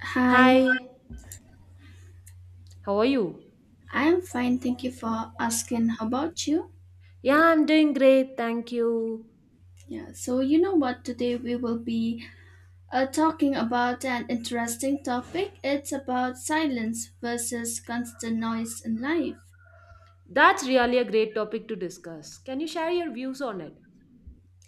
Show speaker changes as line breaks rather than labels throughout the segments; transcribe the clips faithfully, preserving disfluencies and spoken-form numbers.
Hi,
Hi, how are you?
I'm fine. Thank you for asking. How about you?
Yeah, I'm doing great, thank you.
Yeah, so you know what? Today we will be uh, talking about an interesting topic. It's about silence versus constant noise in life.
That's really a great topic to discuss. Can you share your views on it?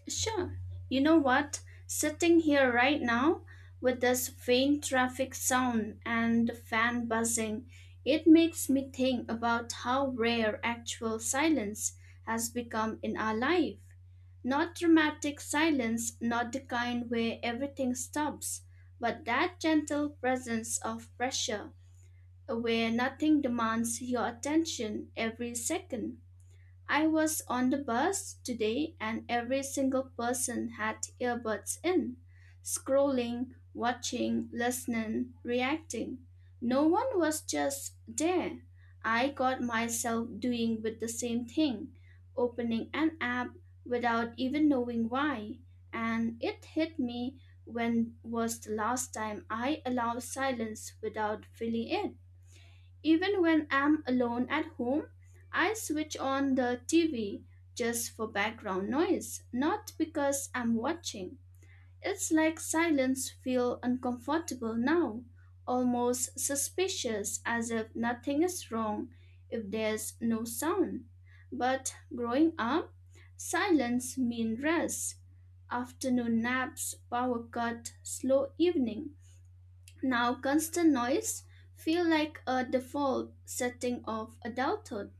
Sure. You know what? Sitting here right now with this faint traffic sound and the fan buzzing, it makes me think about how rare actual silence has become in our life. Not dramatic silence, not the kind where everything stops, but that gentle presence of pressure where nothing demands your attention every second. I was on the bus today and every single person had earbuds in, scrolling, watching, listening, reacting. No one was just there. I got myself doing with the same thing, opening an app without even knowing why. And it hit me when was the last time I allowed silence without feeling it. Even when I'm alone at home, I switch on the T V just for background noise, not because I'm watching. It's like silence feels uncomfortable now, almost suspicious as if nothing is wrong if there's no sound. But growing up, silence means rest, afternoon naps, power cut, slow evening. Now, constant noise feel like a default setting of adulthood.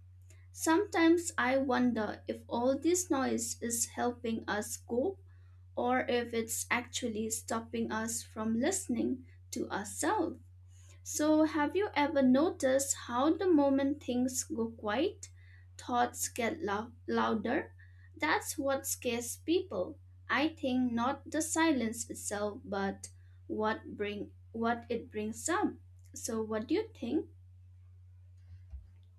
Sometimes I wonder if all this noise is helping us cope or if it's actually stopping us from listening to ourselves. So, have you ever noticed how the moment things go quiet, thoughts get lou- louder? That's what scares people. I think not the silence itself, but what bring what it brings up. So, what do you think?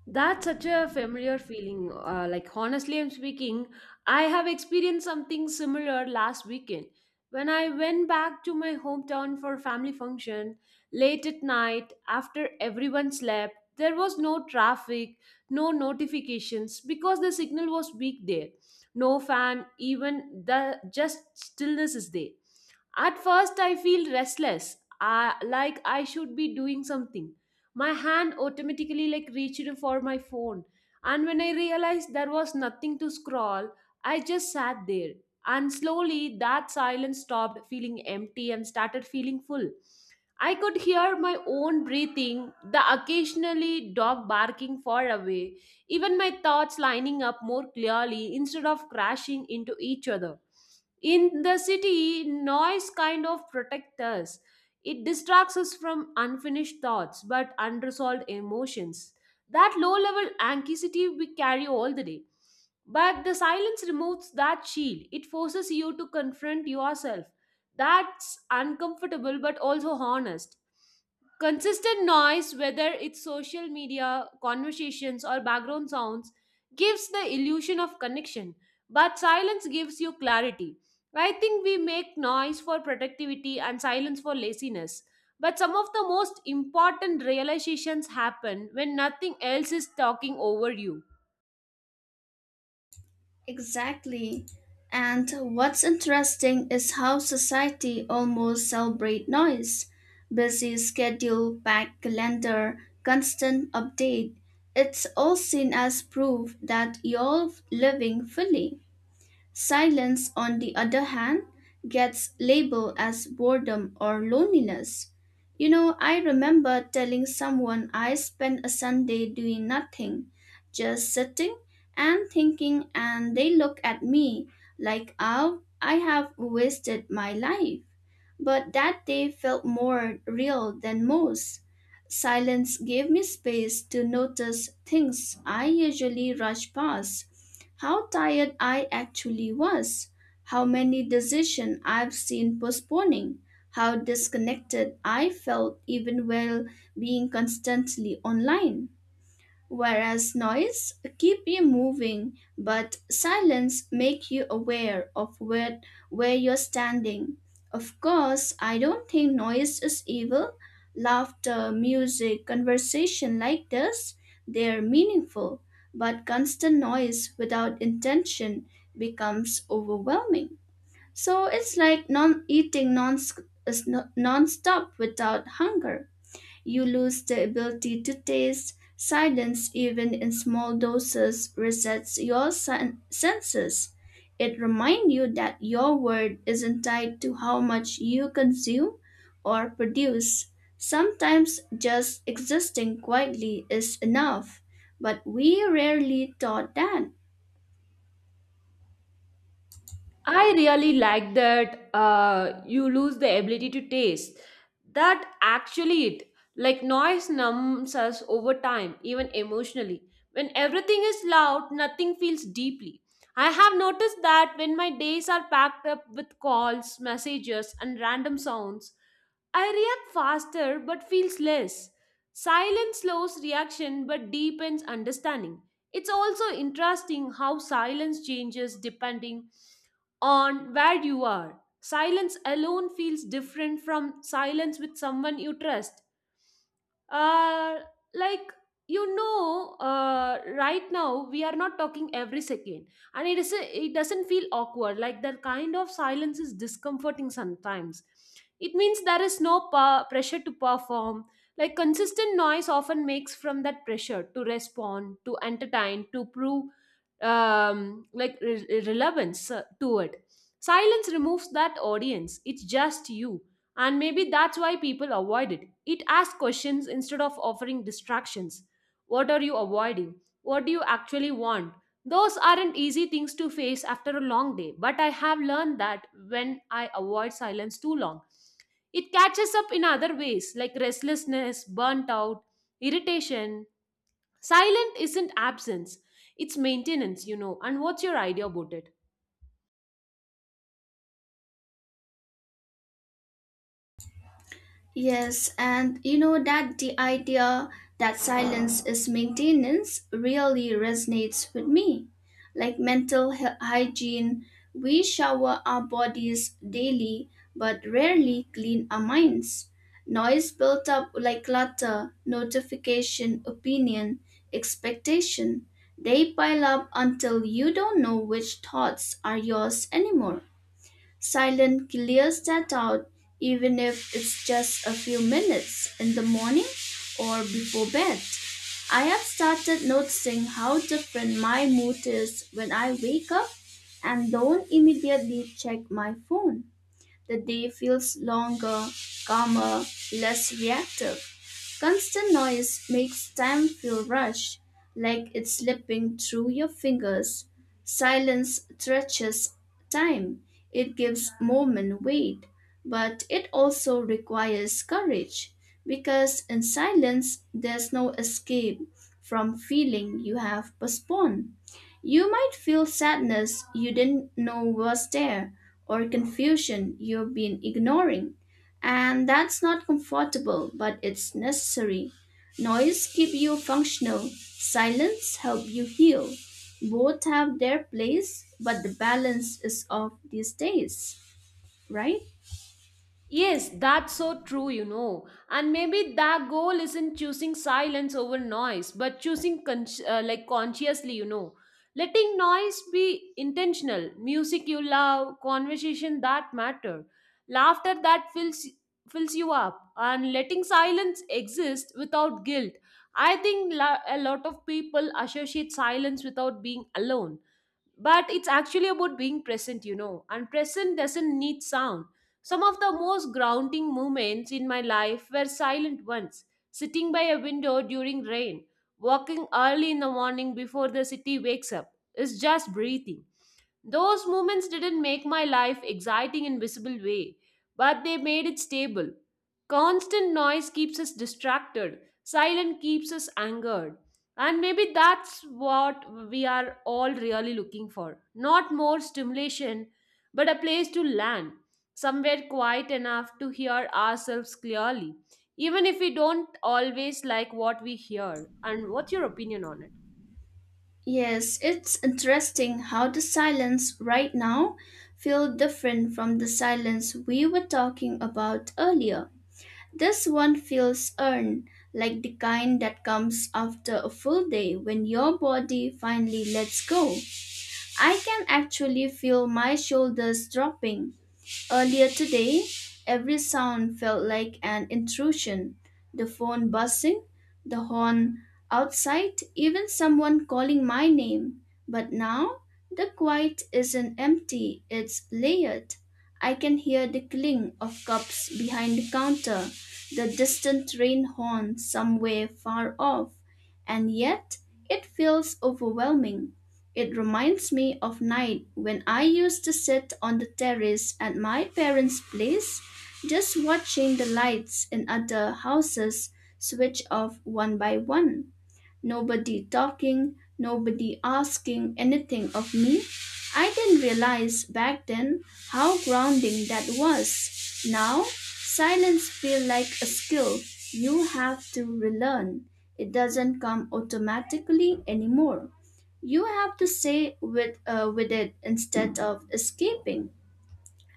That's such a familiar feeling. Uh, like, honestly, I'm speaking, I have experienced something similar last weekend. When I went back to my hometown for a family function late at night after everyone slept, there was no traffic, no notifications because the signal was weak there. No fan, even the just stillness is there. At first, I feel restless, I, like I should be doing something. My hand automatically like reached for my phone, and when I realized there was nothing to scroll, I just sat there, and slowly that silence stopped feeling empty and started feeling full. I could hear my own breathing, the occasionally dog barking far away, even my thoughts lining up more clearly instead of crashing into each other. In the city, noise kind of protects us. It distracts us from unfinished thoughts but unresolved emotions. That low level anxiety we carry all the day. But the silence removes that shield. It forces you to confront yourself. That's uncomfortable but also honest. Consistent noise, whether it's social media, conversations, or background sounds, gives the illusion of connection, but silence gives you clarity. I think we make noise for productivity and silence for laziness. But some of the most important realizations happen when nothing else is talking over you.
Exactly. And what's interesting is how society almost celebrate noise. Busy schedule, packed calendar, constant update. It's all seen as proof that you're living fully. Silence, on the other hand, gets labeled as boredom or loneliness. You know, I remember telling someone I spent a Sunday doing nothing, just sitting and thinking, and they looked at me like oh, I have wasted my life. But that day felt more real than most. Silence gave me space to notice things I usually rush past how tired I actually was, how many decisions I've seen postponing, how disconnected I felt even while being constantly online. Whereas noise keep you moving, but silence make you aware of where, where you're standing. Of course, I don't think noise is evil. Laughter, music, conversation like this, they're meaningful, but constant noise without intention becomes overwhelming. So it's like non eating non non-stop without hunger. You lose the ability to taste. Silence, even in small doses, resets your sen- senses. It reminds you that your worth isn't tied to how much you consume or produce. Sometimes just existing quietly is enough, but we rarely thought that.
I really like that, uh, you lose the ability to taste. That actually it. Like noise numbs us over time, even emotionally. When everything is loud, nothing feels deeply. I have noticed that when my days are packed up with calls, messages, and random sounds, I react faster but feels less. Silence slows reaction but deepens understanding. It's also interesting how silence changes depending on where you are. Silence alone feels different from silence with someone you trust. uh like you know uh right now we are not talking every second, and it is it doesn't feel awkward. Like that kind of silence is discomforting sometimes. It means there is no pa- pressure to perform. Like consistent noise often makes from that pressure to respond, to entertain, to prove um like re- relevance uh, to it. Silence removes that audience. It's just you, and maybe that's why people avoid it. It asks questions instead of offering distractions. What are you avoiding? What do you actually want? Those aren't easy things to face after a long day, but I have learned that when I avoid silence too long, it catches up in other ways like restlessness, burnt out, irritation. Silent isn't absence, it's maintenance, you know. And what's your idea about it?
Yes, and you know that the idea that silence is maintenance really resonates with me. Like mental hy- hygiene, we shower our bodies daily but rarely clean our minds. Noise built up like clutter, notification, opinion, expectation. They pile up until you don't know which thoughts are yours anymore. Silence clears that out, even if it's just a few minutes in the morning or before bed. I have started noticing how different my mood is when I wake up and don't immediately check my phone. The day feels longer, calmer, less reactive. Constant noise makes time feel rushed, like it's slipping through your fingers. Silence stretches time. It gives moment weight, but it also requires courage because in silence there's no escape from feeling you have postponed. You might feel sadness you didn't know was there, or confusion you've been ignoring. And that's not comfortable, but it's necessary. Noise keep you functional, silence help you heal. Both have their place, but the balance is off these days, right?
Yes, that's so true, you know. And maybe that goal isn't choosing silence over noise, but choosing con- uh, like consciously, you know. Letting noise be intentional, music you love, conversation that matter, laughter that fills fills you up, and letting silence exist without guilt. I think la- a lot of people associate silence without being alone, but it's actually about being present, you know, and present doesn't need sound. Some of the most grounding moments in my life were silent ones: sitting by a window during rain, walking early in the morning before the city wakes up, it's just breathing. Those moments didn't make my life exciting in visible way, but they made it stable. Constant noise keeps us distracted, silence keeps us angered. And maybe that's what we are all really looking for. Not more stimulation, but a place to land, somewhere quiet enough to hear ourselves clearly, even if we don't always like what we hear. And what's your opinion on it?
Yes, it's interesting how the silence right now feel different from the silence we were talking about earlier. This one feels earned, like the kind that comes after a full day when your body finally lets go. I can actually feel my shoulders dropping. Earlier today, every sound felt like an intrusion the phone buzzing, the horn outside, even someone calling my name. But now, the quiet isn't empty, it's layered. I can hear the clink of cups behind the counter, the distant train horn somewhere far off, and yet it feels overwhelming. It reminds me of night when I used to sit on the terrace at my parents' place, just watching the lights in other houses switch off one by one. Nobody talking, nobody asking anything of me. I didn't realize back then how grounding that was. Now, silence feels like a skill you have to relearn. It doesn't come automatically anymore. You have to stay with, uh, with it instead of escaping.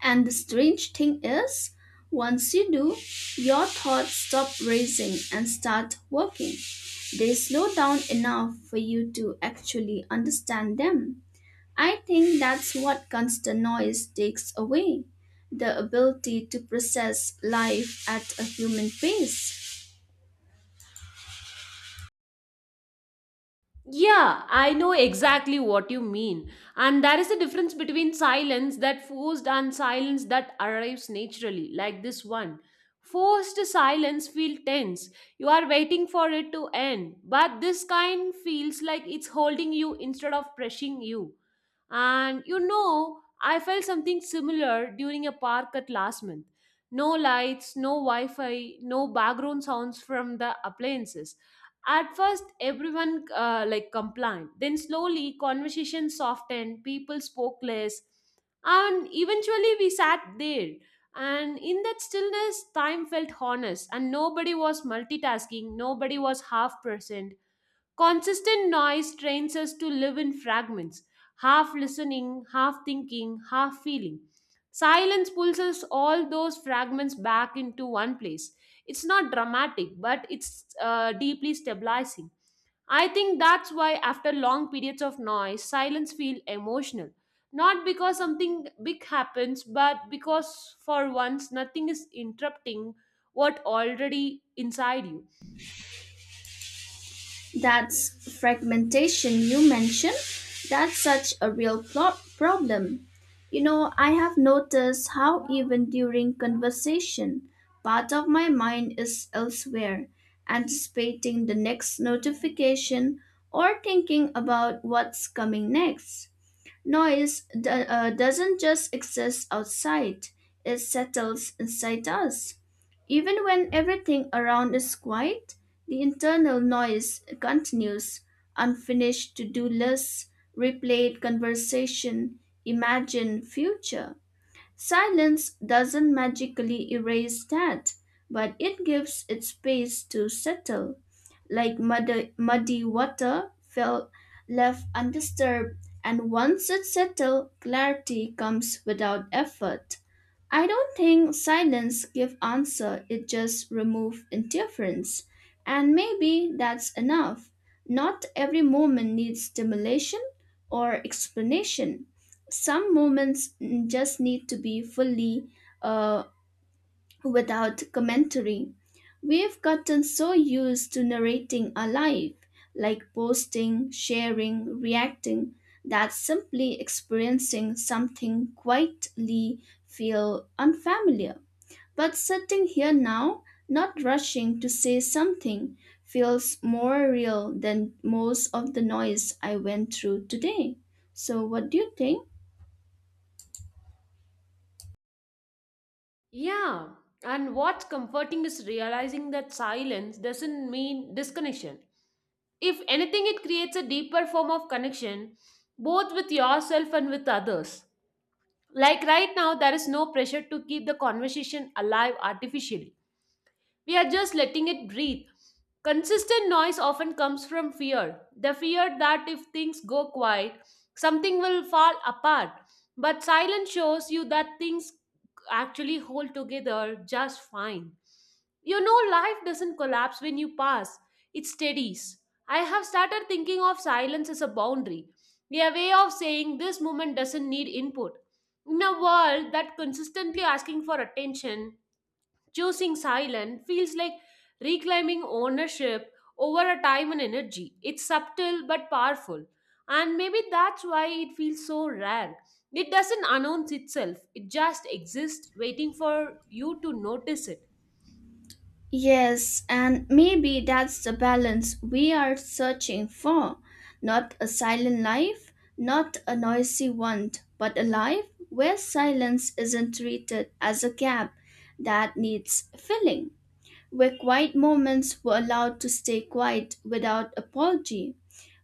And the strange thing is, once you do, your thoughts stop racing and start working. They slow down enough for you to actually understand them. I think that's what constant noise takes away the ability to process life at a human pace.
Yeah, I know exactly what you mean. And there is a difference between silence that forced and silence that arrives naturally, like this one. Forced silence feels tense. You are waiting for it to end. But this kind feels like it's holding you instead of pressing you. And you know, I felt something similar during a park at last month. No lights, no Wi Fi, no background sounds from the appliances. At first, everyone uh, like complied. Then slowly, conversation softened. People spoke less, and eventually, we sat there. And in that stillness, time felt honest, and nobody was multitasking. Nobody was half present. Consistent noise trains us to live in fragments, half listening, half thinking, half feeling. Silence pulls us all those fragments back into one place. It's not dramatic, but it's uh, deeply stabilizing. I think that's why, after long periods of noise, silence feels emotional. Not because something big happens, but because for once nothing is interrupting what already inside you.
That's fragmentation you mentioned. That's such a real plot problem. You know, I have noticed how even during conversation, part of my mind is elsewhere, anticipating the next notification or thinking about what's coming next. Noise do- uh, doesn't just exist outside, it settles inside us. Even when everything around is quiet, the internal noise continues, unfinished to-do lists, replayed conversation, imagined future. Silence doesn't magically erase that, but it gives it space to settle, like muddy, muddy water felt left undisturbed, and once it settles, clarity comes without effort. I don't think silence give answer, it just remove interference. And maybe that's enough. Not every moment needs stimulation or explanation. Some moments mm, just need to be fully uh, without commentary. We've gotten so used to narrating our life, like posting, sharing, reacting, that simply experiencing something quietly feel unfamiliar. But sitting here now, not rushing to say something, feels more real than most of the noise I went through today. So what do you think?
Yeah, and what's comforting is realizing that silence doesn't mean disconnection. If anything, it creates a deeper form of connection, both with yourself and with others. Like right now, there is no pressure to keep the conversation alive artificially. We are just letting it breathe. Consistent noise often comes from fear, the fear that if things go quiet, something will fall apart. But silence shows you that things actually hold together just fine. You know, life doesn't collapse when you pass, it steadies. I have started thinking of silence as a boundary, a way of saying this moment doesn't need input. In a world that consistently asking for attention, choosing silent feels like reclaiming ownership over a time and energy. It's subtle but powerful. And maybe that's why it feels so rare. It doesn't announce itself, it just exists, waiting for you to notice it.
Yes, and maybe that's the balance we are searching for. Not a silent life, not a noisy one, but a life where silence isn't treated as a gap that needs filling where quiet moments were allowed to stay quiet without apology,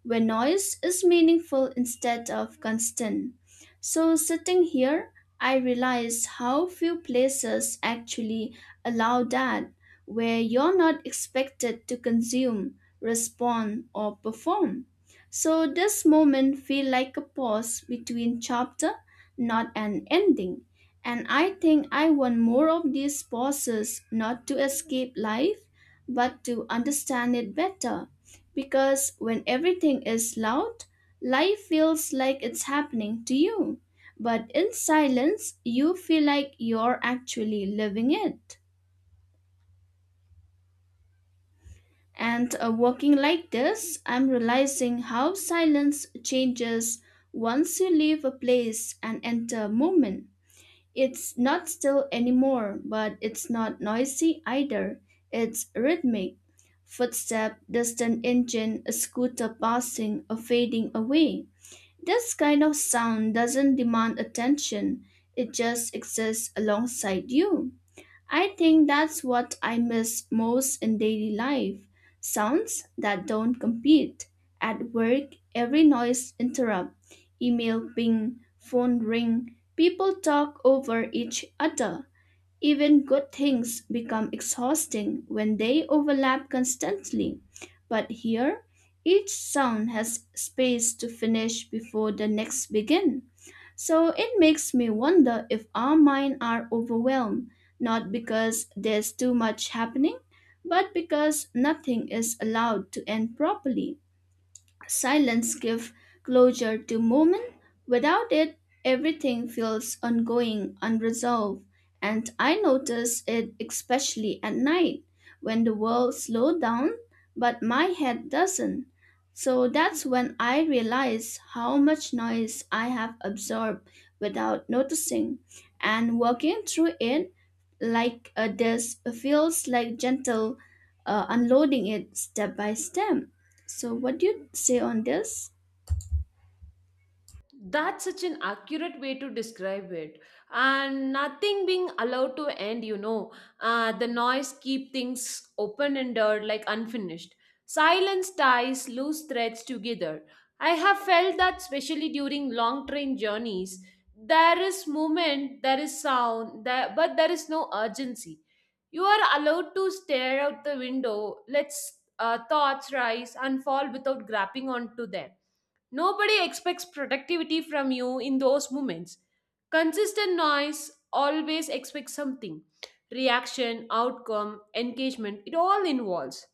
where noise is meaningful instead of constant. So, sitting here, I realize how few places actually allow that, where you're not expected to consume, respond, or perform. So, this moment feels like a pause between chapter, not an ending. And I think I want more of these pauses not to escape life, but to understand it better. Because when everything is loud, life feels like it's happening to you. But in silence, you feel like you're actually living it. And uh, working like this, I'm realizing how silence changes once you leave a place and enter a moment. It's not still anymore, but it's not noisy either. It's rhythmic. Footstep, distant engine, a scooter passing or fading away. This kind of sound doesn't demand attention. It just exists alongside you. I think that's what I miss most in daily life sounds that don't compete. At work, every noise interrupt, email ping, phone ring, people talk over each other. Even good things become exhausting when they overlap constantly. But here, each sound has space to finish before the next begin. So it makes me wonder if our minds are overwhelmed, not because there's too much happening, but because nothing is allowed to end properly. Silence gives closure to movement. Without it, everything feels ongoing, unresolved. And I notice it especially at night when the world slows down, but my head doesn't. So that's when I realize how much noise I have absorbed without noticing. And walking through it like a disc feels like gentle uh, unloading it step by step. So, what do you say on this?
That's such an accurate way to describe it. And nothing being allowed to end, you know. Uh, the noise keep things open-ended, like unfinished. Silence ties loose threads together. I have felt that especially during long train journeys. There is movement, there is sound, there, but there is no urgency. You are allowed to stare out the window, let uh, thoughts rise and fall without grabbing onto them. Nobody expects productivity from you in those moments. Consistent noise always expects something: reaction, outcome, engagement, it all involves.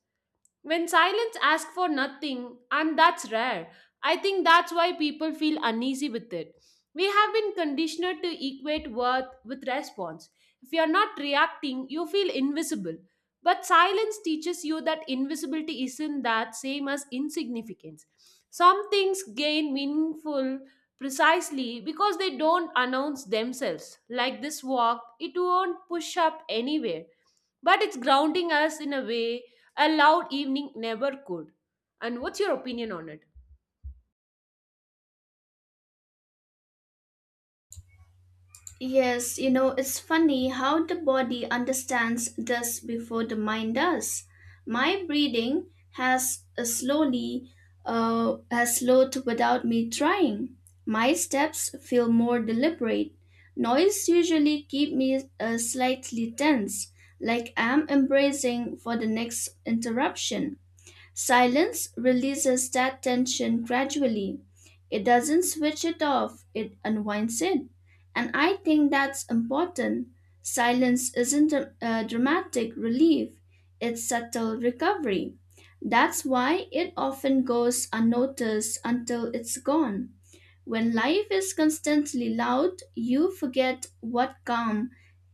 When silence asks for nothing, and that's rare, I think that's why people feel uneasy with it. We have been conditioned to equate worth with response. If you're not reacting, you feel invisible. But silence teaches you that invisibility isn't that same as insignificance. Some things gain meaningful precisely because they don't announce themselves. Like this walk, it won't push up anywhere, but it's grounding us in a way a loud evening never could. And what's your opinion on it?
Yes, you know, it's funny how the body understands this before the mind does. My breathing has uh, slowly uh, has slowed without me trying. My steps feel more deliberate. Noise usually keep me uh, slightly tense, like I'm embracing for the next interruption. Silence releases that tension gradually. It doesn't switch it off, it unwinds it. And I think that's important. Silence isn't a, a dramatic relief, it's subtle recovery. That's why it often goes unnoticed until it's gone. When life is constantly loud, you forget what calm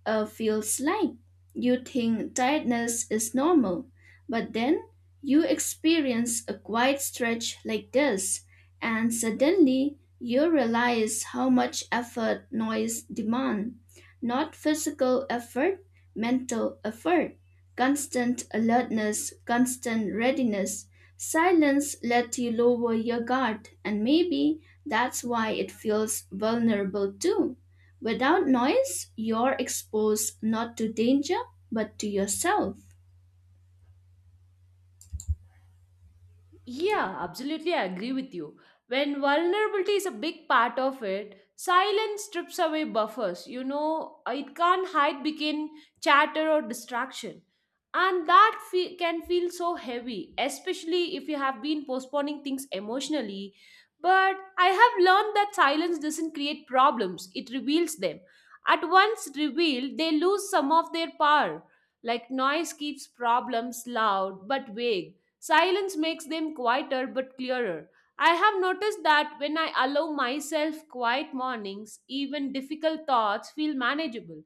uh, feels like. You think tiredness is normal, but then you experience a quiet stretch like this, and suddenly you realize how much effort noise demand. Not physical effort, mental effort. Constant alertness, constant readiness. Silence lets you lower your guard, and maybe that's why it feels vulnerable too. Without noise, you're exposed not to danger, but to yourself.
Yeah, absolutely, I agree with you. When vulnerability is a big part of it, silence strips away buffers. You know, uh, it can't hide begin chatter or distraction. And that fe- can feel so heavy, especially if you have been postponing things emotionally. But I have learned that silence doesn't create problems, it reveals them. At once revealed, they lose some of their power. Like noise keeps problems loud but vague. Silence makes them quieter but clearer. I have noticed that when I allow myself quiet mornings, even difficult thoughts feel manageable.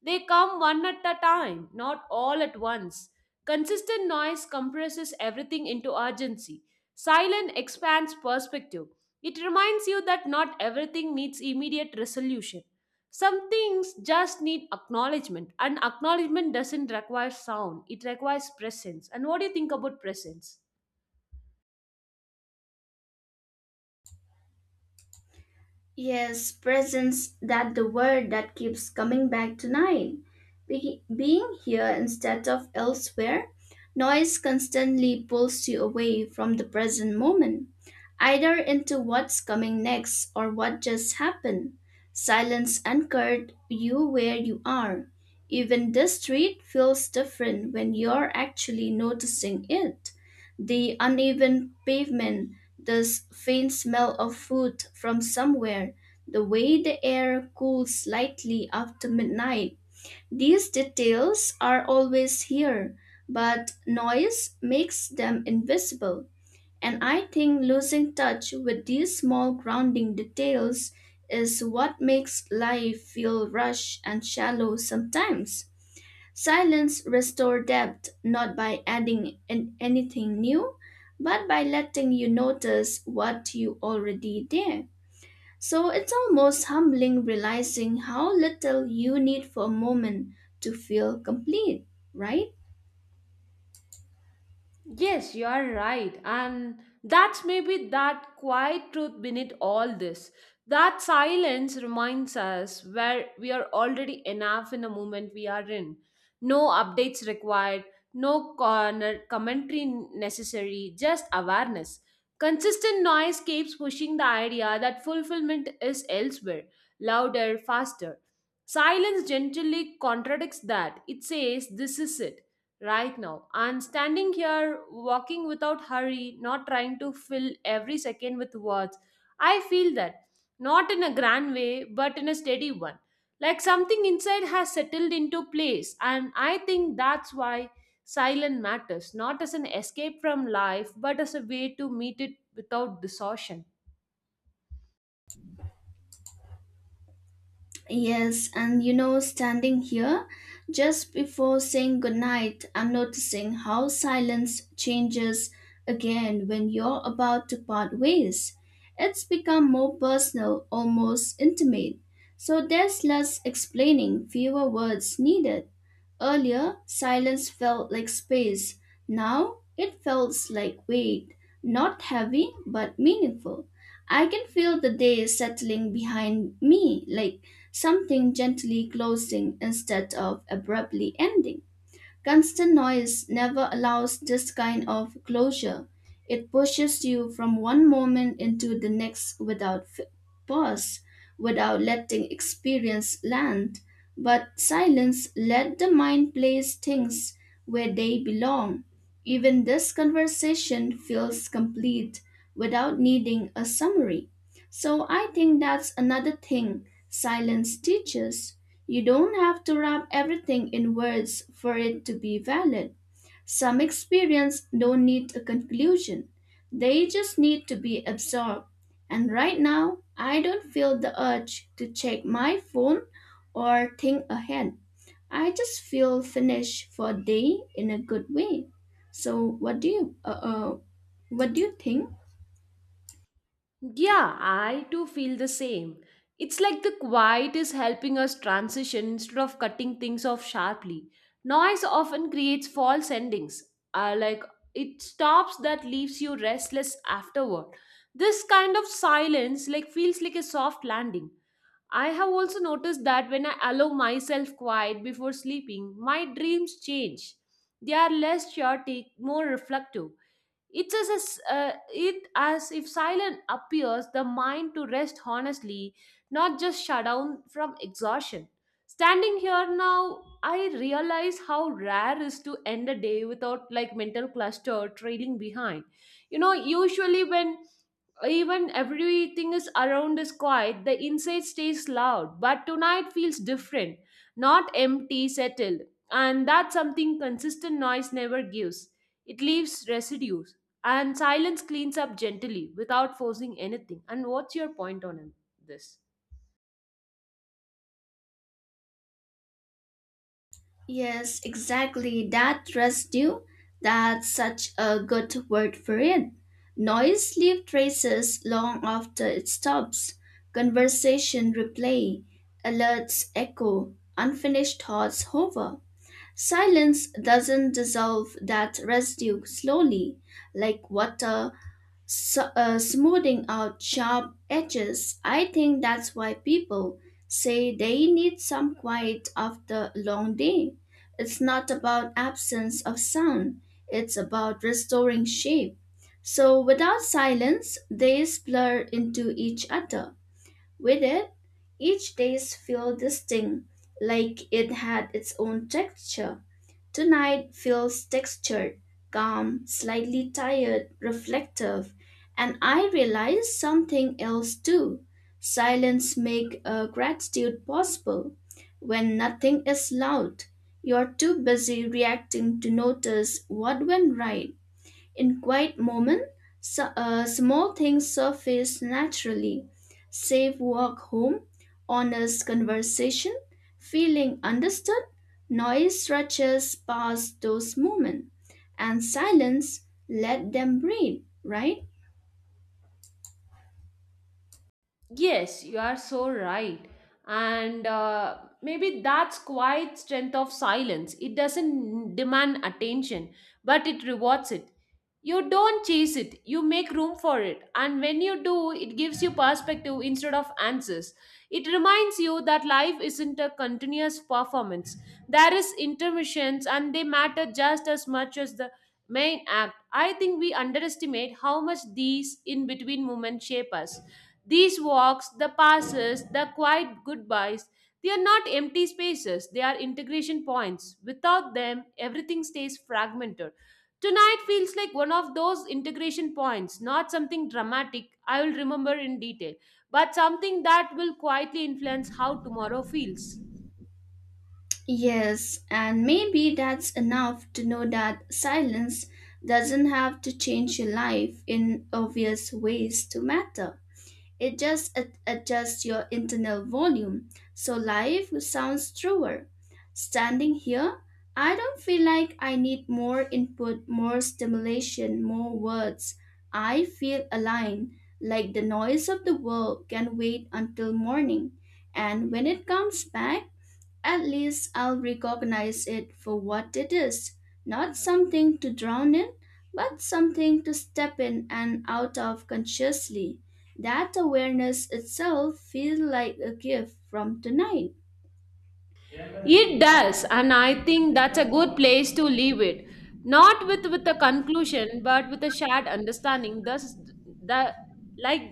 They come one at a time, not all at once. Consistent noise compresses everything into urgency. Silence expands perspective. It reminds you that not everything needs immediate resolution. Some things just need acknowledgement, and acknowledgement doesn't require sound, it requires presence. And what do you think about presence?
Yes, presence that the word that keeps coming back tonight. Be- being here instead of elsewhere, noise constantly pulls you away from the present moment, either into what's coming next or what just happened. Silence anchored you where you are. Even the street feels different when you're actually noticing it. The uneven pavement, this faint smell of food from somewhere, the way the air cools slightly after midnight. These details are always here, but noise makes them invisible. And I think losing touch with these small grounding details is what makes life feel rushed and shallow sometimes. Silence restores depth not by adding an- anything new, but by letting you notice what you already did. So it's almost humbling realizing how little you need for a moment to feel complete, right?
Yes, you are right. And that's maybe that quiet truth beneath all this. That silence reminds us where we are already enough in the moment we are in. No updates required, no corner commentary necessary, just awareness. Consistent noise keeps pushing the idea that fulfillment is elsewhere, louder, faster. Silence gently contradicts that. It says, "This is it right now." And standing here, walking without hurry, not trying to fill every second with words, I feel that, not in a grand way, but in a steady one. Like something inside has settled into place, and I think that's why silence matters, not as an escape from life, but as a way to meet it without distortion.
Yes, and you know, standing here, just before saying goodnight, I'm noticing how silence changes again when you're about to part ways. It's become more personal, almost intimate. So there's less explaining, fewer words needed. Earlier, silence felt like space. Now, it feels like weight, not heavy but meaningful. I can feel the day settling behind me like something gently closing instead of abruptly ending. Constant noise never allows this kind of closure. It pushes you from one moment into the next without f- pause, without letting experience land. But silence let the mind place things where they belong. Even this conversation feels complete without needing a summary. So I think that's another thing silence teaches. You don't have to wrap everything in words for it to be valid. Some experience don't need a conclusion. They just need to be absorbed. And right now, I don't feel the urge to check my phone or think ahead. I just feel finished for a day in a good way. So what do you uh, uh what do you think?
Yeah, I too feel the same. It's like the quiet is helping us transition instead of cutting things off sharply. Noise often creates false endings. Uh, like it stops that leaves you restless afterward. This kind of silence like feels like a soft landing. I have also noticed that when I allow myself quiet before sleeping, my dreams change. They are less chaotic, more reflective. It's as, as, uh, it as if silence appears the mind to rest honestly, not just shut down from exhaustion. Standing here now, I realize how rare is to end a day without like mental cluster trailing behind. You know, usually when even everything is around is quiet, the inside stays loud. But tonight feels different, not empty, settled, and that's something consistent noise never gives. It leaves residues. And silence cleans up gently without forcing anything. And what's your point on this?
Yes, exactly. That residue, that's such a good word for it. Noise leaves traces long after it stops. Conversation replay, alerts echo, unfinished thoughts hover. Silence doesn't dissolve that residue slowly, like water so, uh, smoothing out sharp edges. I think that's why people say they need some quiet after a long day. It's not about absence of sound, it's about restoring shape. So, without silence, days blur into each other. With it, each days feel distinct, like it had its own texture. Tonight feels textured, calm, slightly tired, reflective, and I realized something else too. Silence make a gratitude possible. When nothing is loud, you're too busy reacting to notice what went right. In quiet moments, small things surface naturally. Safe walk home, honest conversation, feeling understood, noise stretches past those moments, and silence let them breathe, right?
Yes, you are so right. And uh, maybe that's quiet strength of silence. It doesn't demand attention, but it rewards it. You don't chase it, you make room for it. And when you do, it gives you perspective instead of answers. It reminds you that life isn't a continuous performance. There is intermissions and they matter just as much as the main act. I think we underestimate how much these in between moments shape us. These walks, the passes, the quiet goodbyes, they are not empty spaces, they are integration points. Without them, everything stays fragmented. Tonight feels like one of those integration points, not something dramatic I will remember in detail, but something that will quietly influence how tomorrow feels.
Yes, and maybe that's enough to know that silence doesn't have to change your life in obvious ways to matter. It just ad- adjusts your internal volume so life sounds truer. Standing here, I don't feel like I need more input, more stimulation, more words. I feel aligned, like the noise of the world can wait until morning. And when it comes back, at least I'll recognize it for what it is not something to drown in, but something to step in and out of consciously. That awareness itself feels like a gift from tonight.
It does, and I think that's a good place to leave it. Not with with a conclusion, but with a shared understanding. Thus, the like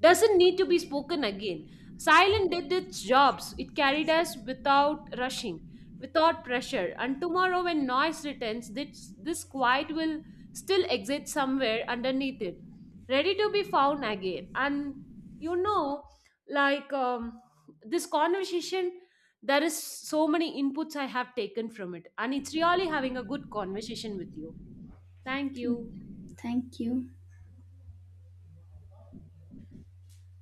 doesn't need to be spoken again. Silent did its jobs. It carried us without rushing, without pressure. And tomorrow, when noise returns, this this quiet will still exist somewhere underneath it, ready to be found again. And you know, like um, this conversation, there is so many inputs I have taken from it, and it's really having a good conversation with you. Thank you.
Thank you.